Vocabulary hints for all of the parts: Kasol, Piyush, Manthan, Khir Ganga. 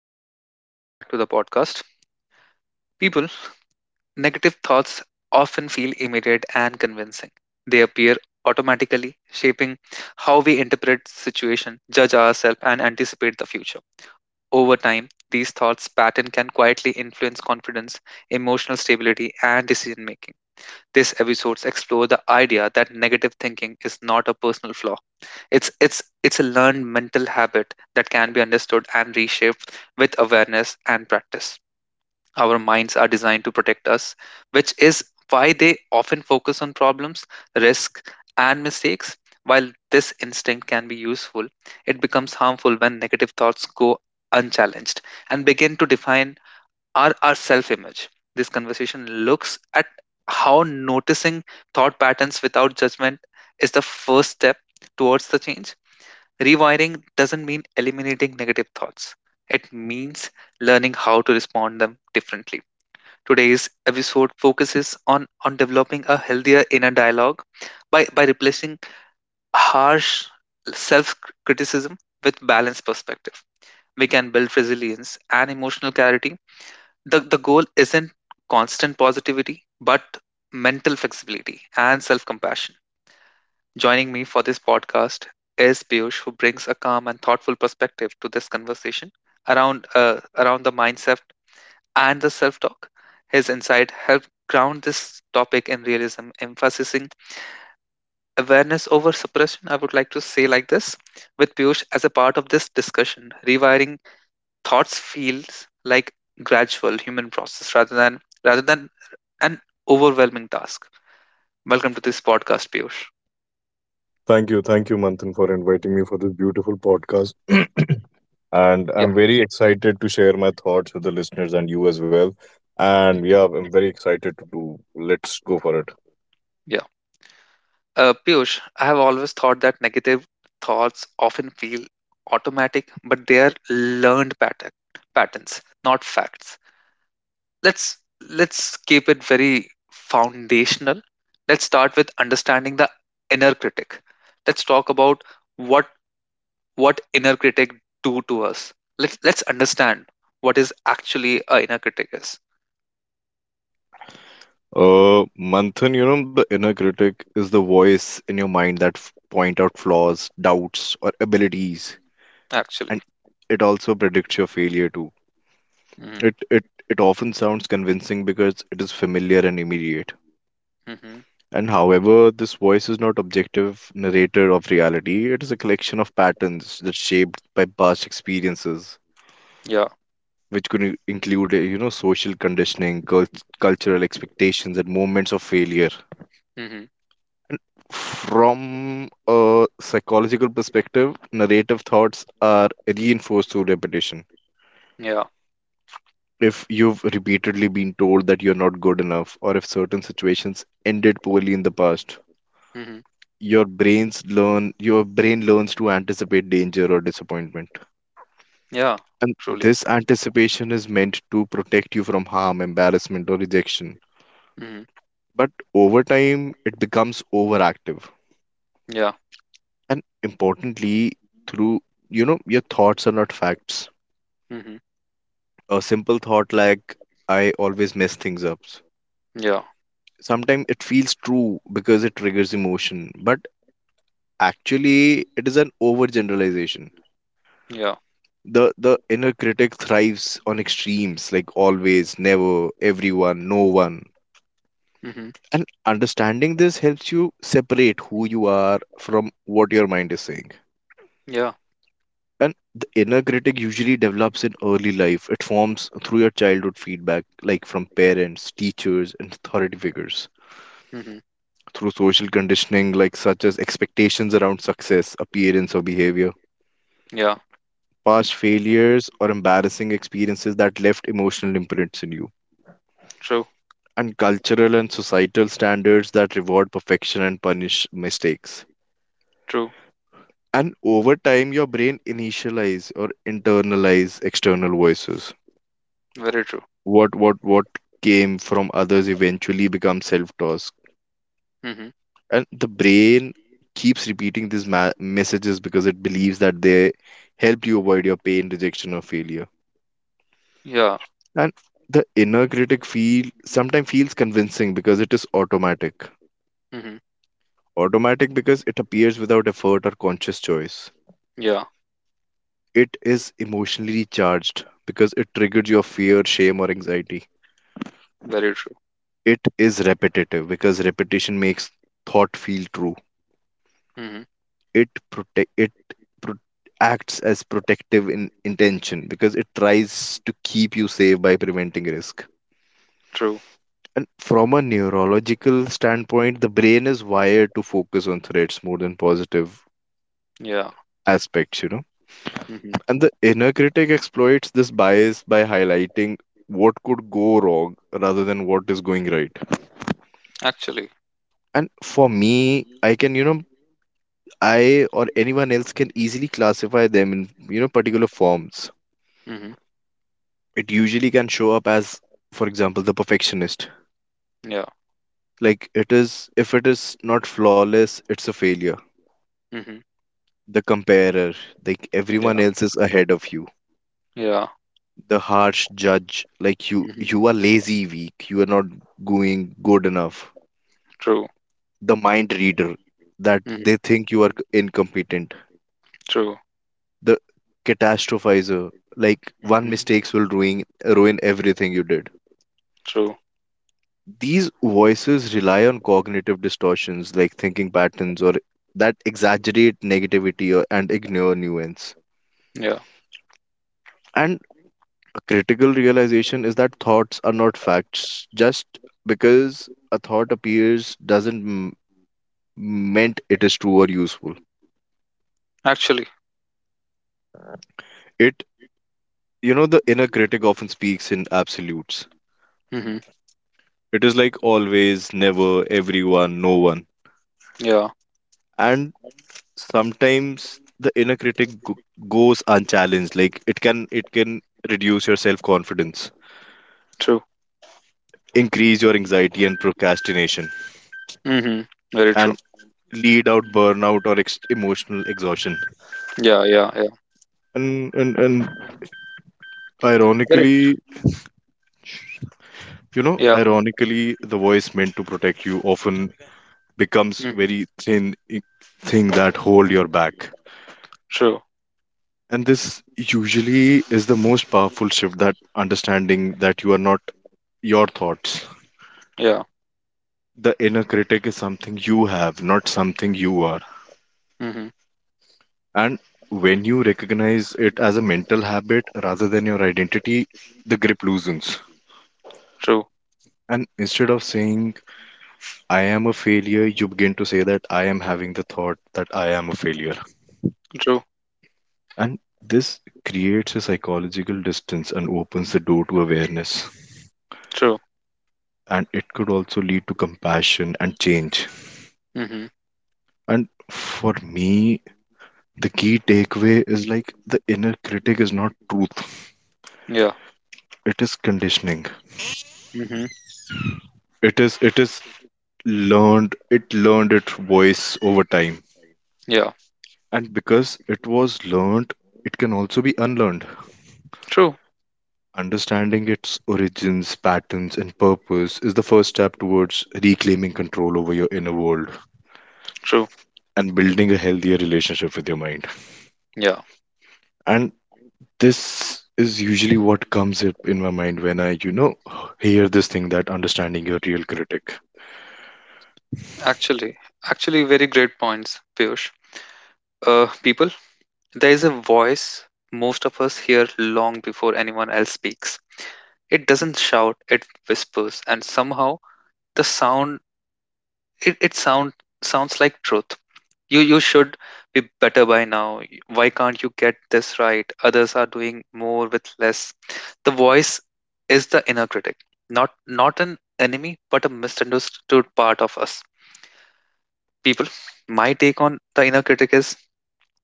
Hello, everyone. Welcome back to the podcast. People, negative thoughts often feel immediate and convincing. They appear automatically, shaping how we interpret situation, judge ourselves, and anticipate the future. Over time, these thoughts pattern can quietly influence confidence, emotional stability, and decision making. This episodes explore the idea that negative thinking is not a personal flaw. It's it's a learned mental habit that can be understood and reshaped with awareness and practice. Our minds are designed to protect us, which is why they often focus on problems, risk, and mistakes. While this instinct can be useful, it becomes harmful when negative thoughts go unchallenged and begin to define our self image. This conversation looks at how noticing thought patterns without judgment is the first step towards the change. Rewiring doesn't mean eliminating negative thoughts. It means learning how to respond them differently. Today's episode focuses on developing a healthier inner dialogue by replacing harsh self criticism with balanced perspective. We can build resilience and emotional clarity. The goal isn't constant positivity, but mental flexibility and self compassion. Joining me for this podcast is Piyush, who brings a calm and thoughtful perspective to this conversation around around the mindset and the self-talk. His insight helped ground this topic in realism, emphasizing awareness over suppression, I would like to say like this, with Piyush as a part of this discussion. Rewiring thoughts feels like gradual human process rather than an overwhelming task. Welcome to this podcast, Piyush. Thank you. Thank you, Manthan, for inviting me for this beautiful podcast. And Yeah. I'm very excited to share my thoughts with the listeners and you as well. mm, And yeah, I'm very excited to do. Let's go for it. Yeah. Piyush, I have always thought that negative thoughts often feel automatic, but they are learned patterns, not facts. Let's let's keep it very foundational. Let's start with understanding the inner critic. Let's talk about what what inner critic do to us. Let's understand what is actually a inner critic is. Manthan, you know, the inner critic is the voice in your mind that point out flaws, doubts, or abilities, Actually. and it also predicts your failure too. Mm-hmm. It often sounds convincing because it is familiar and immediate. Mm-hmm. And however, this voice is not objective narrator of reality. It is a collection of patterns that shaped by past experiences, Yeah. which could include, you know, social conditioning, cultural expectations, and moments of failure. Mm-hmm. And from a psychological perspective, narrative thoughts are reinforced through repetition. Yeah. If you've repeatedly been told that you're not good enough, or if certain situations ended poorly in the past, Mm-hmm. Your brain learns to anticipate danger or disappointment, Yeah. and Truly. this anticipation is meant to protect you from harm, embarrassment, or rejection, Mm-hmm. but over time it becomes overactive. Yeah. And importantly, through you know, your thoughts are not facts. Mm-hmm. A simple thought like, I always mess things up, Yeah. sometimes it feels true because it triggers emotion, but actually it is an overgeneralization. Yeah. The inner critic thrives on extremes like always, never, everyone, no one. Mm-hmm. And understanding this helps you separate who you are from what your mind is saying. Yeah. And the inner critic usually develops in early life. It forms through your childhood feedback like from parents, teachers, and authority figures, Mm-hmm. through social conditioning like such as expectations around success, appearance, or behavior, Yeah. past failures or embarrassing experiences that left emotional imprints in you, True. and cultural and societal standards that reward perfection and punish mistakes. True. And over time, your brain initialize or internalize external voices. Very true. What came from others eventually becomes self-talk, Mm-hmm. and the brain keeps repeating these messages because it believes that they help you avoid your pain, rejection, or failure. Yeah. And the inner critic feel sometimes feels convincing because it is automatic. Mm-hmm. Automatic because it appears without effort or conscious choice. Yeah. It is emotionally charged because it triggers your fear, shame, or anxiety. Very true. It is repetitive because repetition makes thought feel true. Mm-hmm. It pro- acts as protective in intention because it tries to keep you safe by preventing risk. True. And from a neurological standpoint, the brain is wired to focus on threats more than positive Yeah. aspects. You know, Hmm. and the inner critic exploits this bias by highlighting what could go wrong rather than what is going right. Actually. And for me, I can, you know, I or anyone else can easily classify them in, you know, particular forms. Hmm. It usually can show up as, for example, the perfectionist. Yeah. If it is not flawless, it's a failure. Hmm. The comparer, like everyone Yeah. else is ahead of you. Yeah. The harsh judge, like you Hmm. are lazy, weak, you are not going good enough. True. The mind reader, that they Hmm. think you are incompetent. True. The catastrophizer, like one Hmm. mistakes will ruin everything you did. True. These voices rely on cognitive distortions like thinking patterns or that exaggerate negativity and ignore nuance. Yeah. And a critical realization is that thoughts are not facts. Just because a thought appears doesn't meant it is true or useful. Actually. It, you know, the inner critic often speaks in absolutes. Hmm. It is like always, never, everyone, no one. Yeah. And sometimes the inner critic goes unchallenged. Like it can reduce your self-confidence, True. increase your anxiety and procrastination, Hmm. Very true. and lead out burnout or emotional exhaustion. Yeah. Yeah. Yeah. And Very. ironically, you know, Yeah. ironically, the voice meant to protect you often becomes Hmm. very thin i- thing that hold your back. True. And this usually is the most powerful shift, that understanding that you are not your thoughts. Yeah. The inner critic is something you have, not something you are. Hmm. And when you recognize it as a mental habit rather than your identity, the grip loosens. True. And instead of saying, I am a failure, you begin to say that I am having the thought that I am a failure. True. And this creates a psychological distance and opens the door to awareness. True. And it could also lead to compassion and change. Hmm. And for me, the key takeaway is, like, the inner critic is not truth. Yeah. It is conditioning. Hmm. It is learned its voice over time. Yeah. And because it was learned, it can also be unlearned. True. Understanding its origins, patterns, and purpose is the first step towards reclaiming control over your inner world True. and building a healthier relationship with your mind. Yeah. And this is usually what comes up in my mind when I, you know, hear this thing that understanding your real critic. Actually. Actually, very great points, Piyush. People, there is a voice most of us hear long before anyone else speaks. It doesn't shout, it whispers, and somehow the sound it sounds like truth. You should be better by now. Why can't you get this right? Others are doing more with less. The voice is the inner critic, not an enemy, but a misunderstood part of us. People, my take on the inner critic is: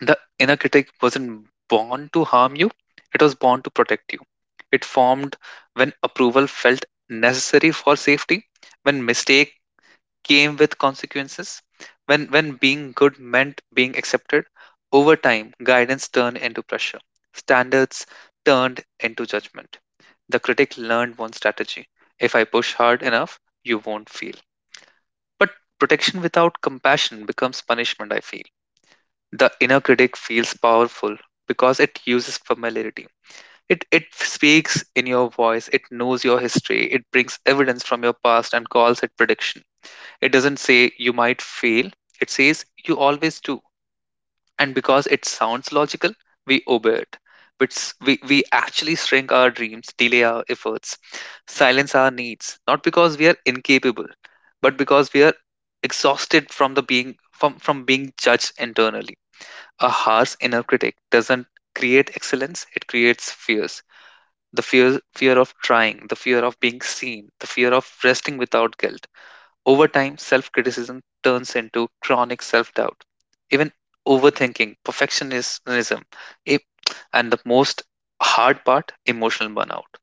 the inner critic wasn't born to harm you, it was born to protect you. It formed when approval felt necessary for safety, when mistake came with consequences, when being good meant being accepted. Over time, guidance turned into pressure, standards turned into judgment. The critic learned one strategy: if I push hard enough, you won't feel. But protection without compassion becomes punishment, I feel. The inner critic feels powerful because it uses familiarity. It speaks in your voice, it knows your history, it brings evidence from your past and calls it prediction. It doesn't say you might fail, it says you always do. And because it sounds logical, we obey it. We actually shrink our dreams, delay our efforts, silence our needs, not because we are incapable, but because we are exhausted from being judged internally. A harsh inner critic doesn't create excellence, it creates fears: the fear of trying, the fear of being seen, the fear of resting without guilt. Over time, self criticism turns into chronic self doubt, even overthinking, perfectionism, it- and the most hard part, emotional burnout.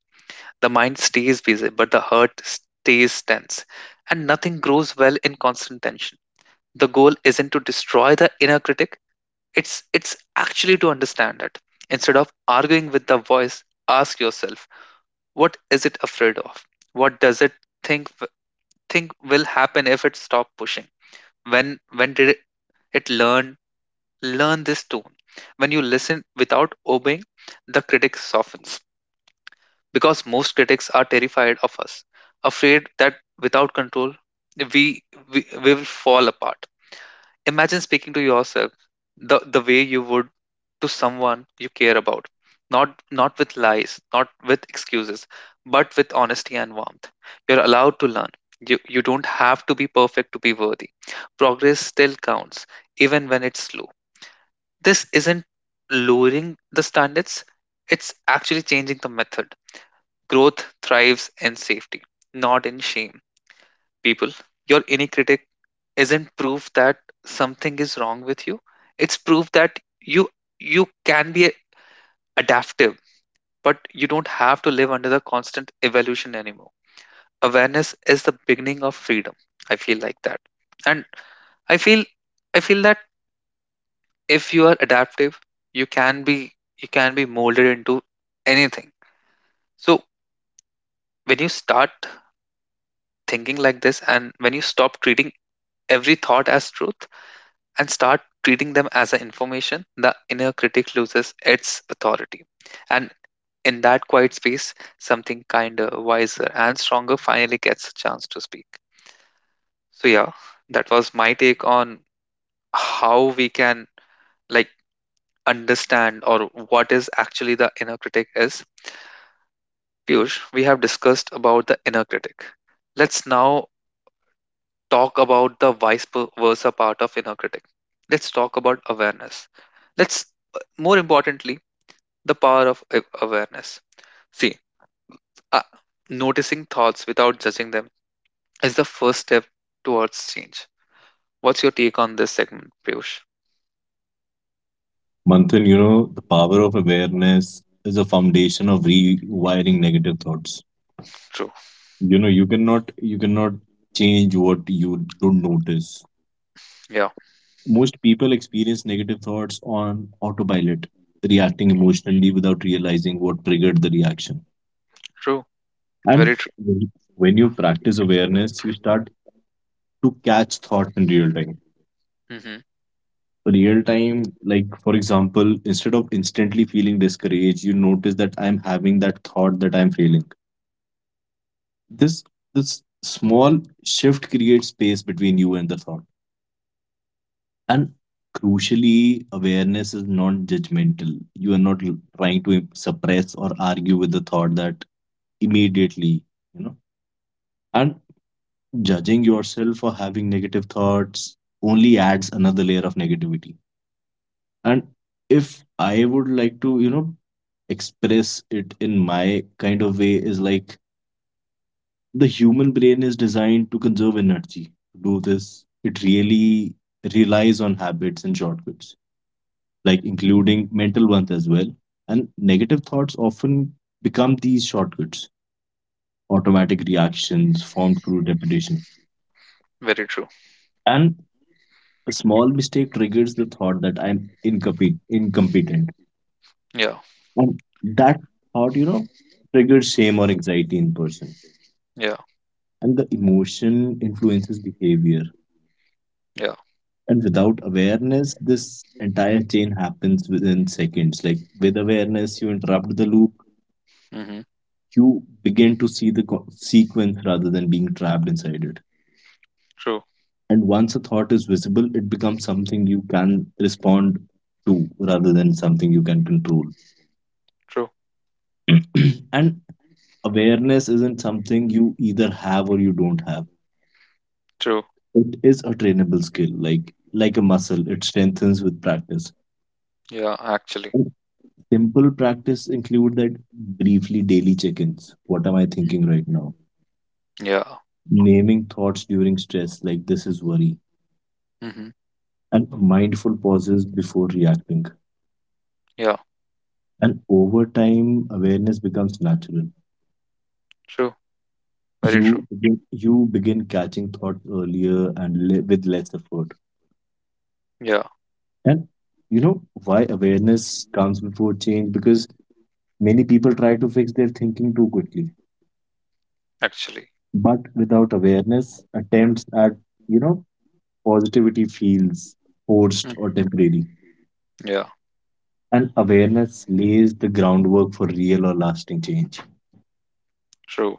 The mind stays busy but the heart stays tense, and nothing grows well in constant tension. The goal isn't to destroy the inner critic, it's actually to understand it. Instead of arguing with the voice, ask yourself, what is it afraid of? What does it think think will happen if it stops pushing? When did it learn this tone? When you listen without obeying, the critic softens because most critics are terrified of us, afraid that without control we we will fall apart. Imagine speaking to yourself the way you would to someone you care about. Not with lies, not with excuses, but with honesty and warmth. You're allowed to learn. You don't have to be perfect to be worthy. Progress still counts, even when it's slow. This isn't lowering the standards, it's actually changing the method. Growth thrives in safety, not in shame. People, your inner critic isn't proof that something is wrong with you. It's proof that you can be adaptive, but you don't have to live under the constant evolution anymore. Awareness is the beginning of freedom. I feel like that. And I feel I feel that if you are adaptive, you can be you can be molded into anything. So when you start thinking like this and when you stop treating every thought as truth, and start treating them as an information, the inner critic loses its authority. And in that quiet space, something kinder, wiser, and stronger finally gets a chance to speak. So, yeah, that was my take on how we can, like, understand or what is actually the inner critic is. Piyush, we have discussed about the inner critic. Let's now talk about the vice versa part of inner critic. Let's talk about awareness. Let's, more importantly, the power of awareness. See, uh, noticing thoughts without judging them is the first step towards change. What's your take on this segment, Piyush? Manthan, you know, the power of awareness is a foundation of rewiring negative thoughts. True. You know, you cannot change what you don't notice. Yeah. Most people experience negative thoughts on autopilot, reacting emotionally without realizing what triggered the reaction. True. And Very true. When you practice awareness, you start to catch thoughts in real time. Mm-hmm. Real time, like for example, instead of instantly feeling discouraged, you notice that I'm having that thought that I'm failing. This this small shift creates space between you and the thought. And crucially, awareness is non judgmental. You are not trying to suppress or argue with the thought that immediately, you know. And judging yourself for having negative thoughts only adds another layer of negativity. And if I would like to, you know, express it in my kind of way, is like, the human brain is designed to conserve energy. To do this, it really relies on habits and shortcuts, like including mental ones as well. And negative thoughts often become these shortcuts, automatic reactions formed through repetition. Very true. And a small mistake triggers the thought that I'm incompetent. Yeah. And that thought, you know, triggers shame or anxiety in person. Yeah. And the emotion influences behavior. Yeah. And without awareness, this entire chain happens within seconds. Like, with awareness, you interrupt the loop, Mm-hmm. you begin to see the sequence rather than being trapped inside it. True. And once a thought is visible, it becomes something you can respond to rather than something you can control. True. And awareness isn't something you either have or you don't have. True. It is a trainable skill, like a muscle. It strengthens with practice. Yeah. And Actually. simple practice include that briefly daily check-ins. What am I thinking right Mm-hmm. now? Yeah. Naming thoughts during stress, like this is worry, Mm-hmm. and mindful pauses before reacting. Yeah. And over time, awareness becomes natural. True. Very true. You begin catching thoughts earlier and with less effort. Yeah. And you know why awareness comes before change, because many people try to fix their thinking too quickly, Actually. but without awareness, attempts at, you know, positivity feels forced or Mm-hmm. temporary. Yeah. And awareness lays the groundwork for real or lasting change. True.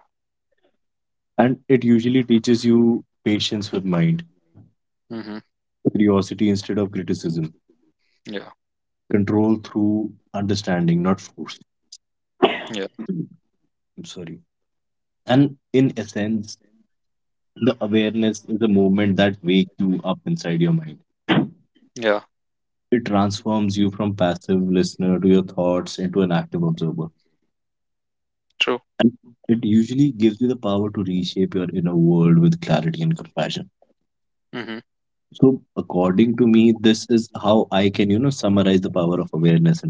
And it usually teaches you patience with mind, Mm-hmm. curiosity instead of criticism, Yeah. control through understanding, not force. Yeah. I'm sorry. And in essence, the awareness is a movement that wakes you up inside your mind. Yeah. It transforms you from passive listener to your thoughts into an active observer. True. And it usually gives you the power to reshape your inner world with clarity and compassion. Mm-hmm. So, according to me, this is how I can, you know, summarize the power of awareness in people.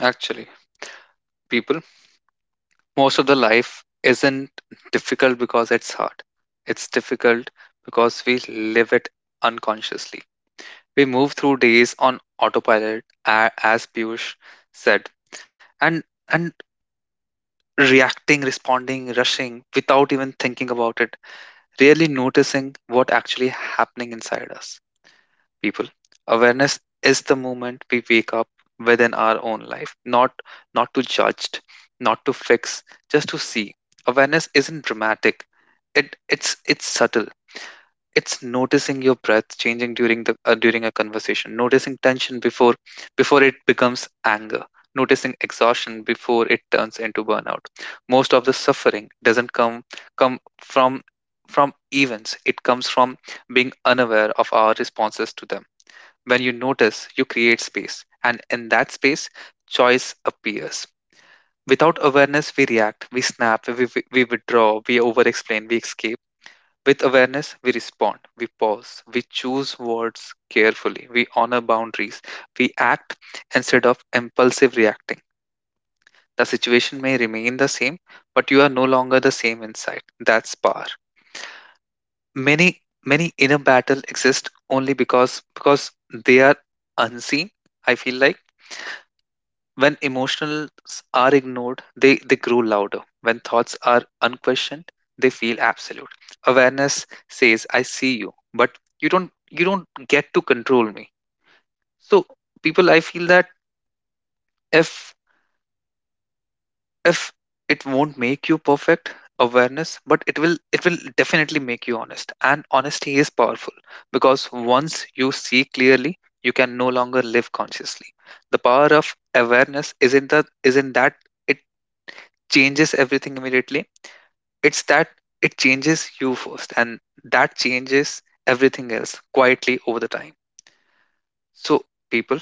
Actually, people, most of the life isn't difficult because it's hard. It's difficult because we live it unconsciously. We move through days on autopilot, as Piyush said, and and reacting, responding, rushing without even thinking about it, really noticing what actually happening inside us, people. Awareness is the moment we wake up within our own life, not not to judge, not to fix, just to see. Awareness isn't dramatic. It's it's subtle. It's noticing your breath changing during the during a conversation, noticing tension before it becomes anger, noticing exhaustion before it turns into burnout. Most of the suffering doesn't come from events. It comes from being unaware of our responses to them. When you notice, you create space, and in that space, choice appears. Without awareness, we react, we snap, we we withdraw, we over explain, we escape. With awareness, we respond, we pause, we choose words carefully, we honor boundaries, we act instead of impulsive reacting. The situation may remain the same, but you are no longer the same inside. That's power. Many Many inner battle exist only because they are unseen. I feel like. When emotions are ignored, they grow louder. When thoughts are unquestioned, they feel absolute. Awareness says, I see you, but you don't get to control me. So people, I feel that if if it won't make you perfect, awareness, but it will definitely make you honest, and honesty is powerful because once you see clearly you can no longer live consciously. The power of awareness isn't that changes everything immediately. It's that it changes you first, and that changes everything else quietly over the time. So, people,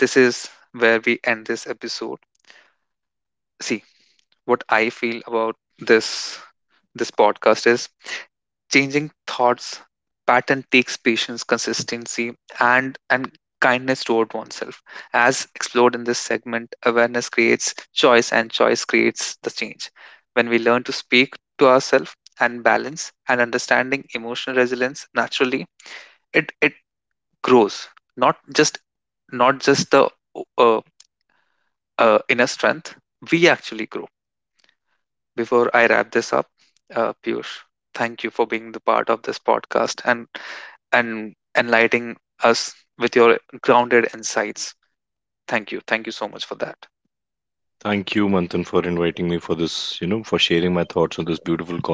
this is where we end this episode. See, what I feel about this this podcast is: changing thoughts pattern takes patience, consistency, and kindness toward oneself. As explored in this segment, awareness creates choice, and choice creates the change. When we learn to speak to ourselves and balance and understanding emotional resilience naturally, it grows. Not just Not just the uh, inner strength. We actually grow. Before I wrap this up, Piyush, thank you for being the part of this podcast and enlightening us with your grounded insights. Thank you. Thank you so much for that. Thank you, Manthan, for inviting me for this, you know, for sharing my thoughts on this beautiful concept.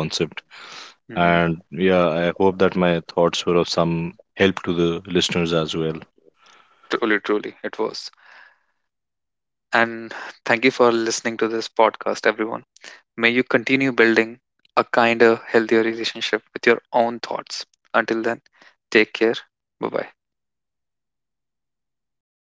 And Hmm. yeah, I hope that my thoughts were of some help to the listeners as well. Truly, truly, it was. And thank you for listening to this podcast, everyone. May you continue building a kinder, healthier relationship with your own thoughts. Until then, take care. Bye bye.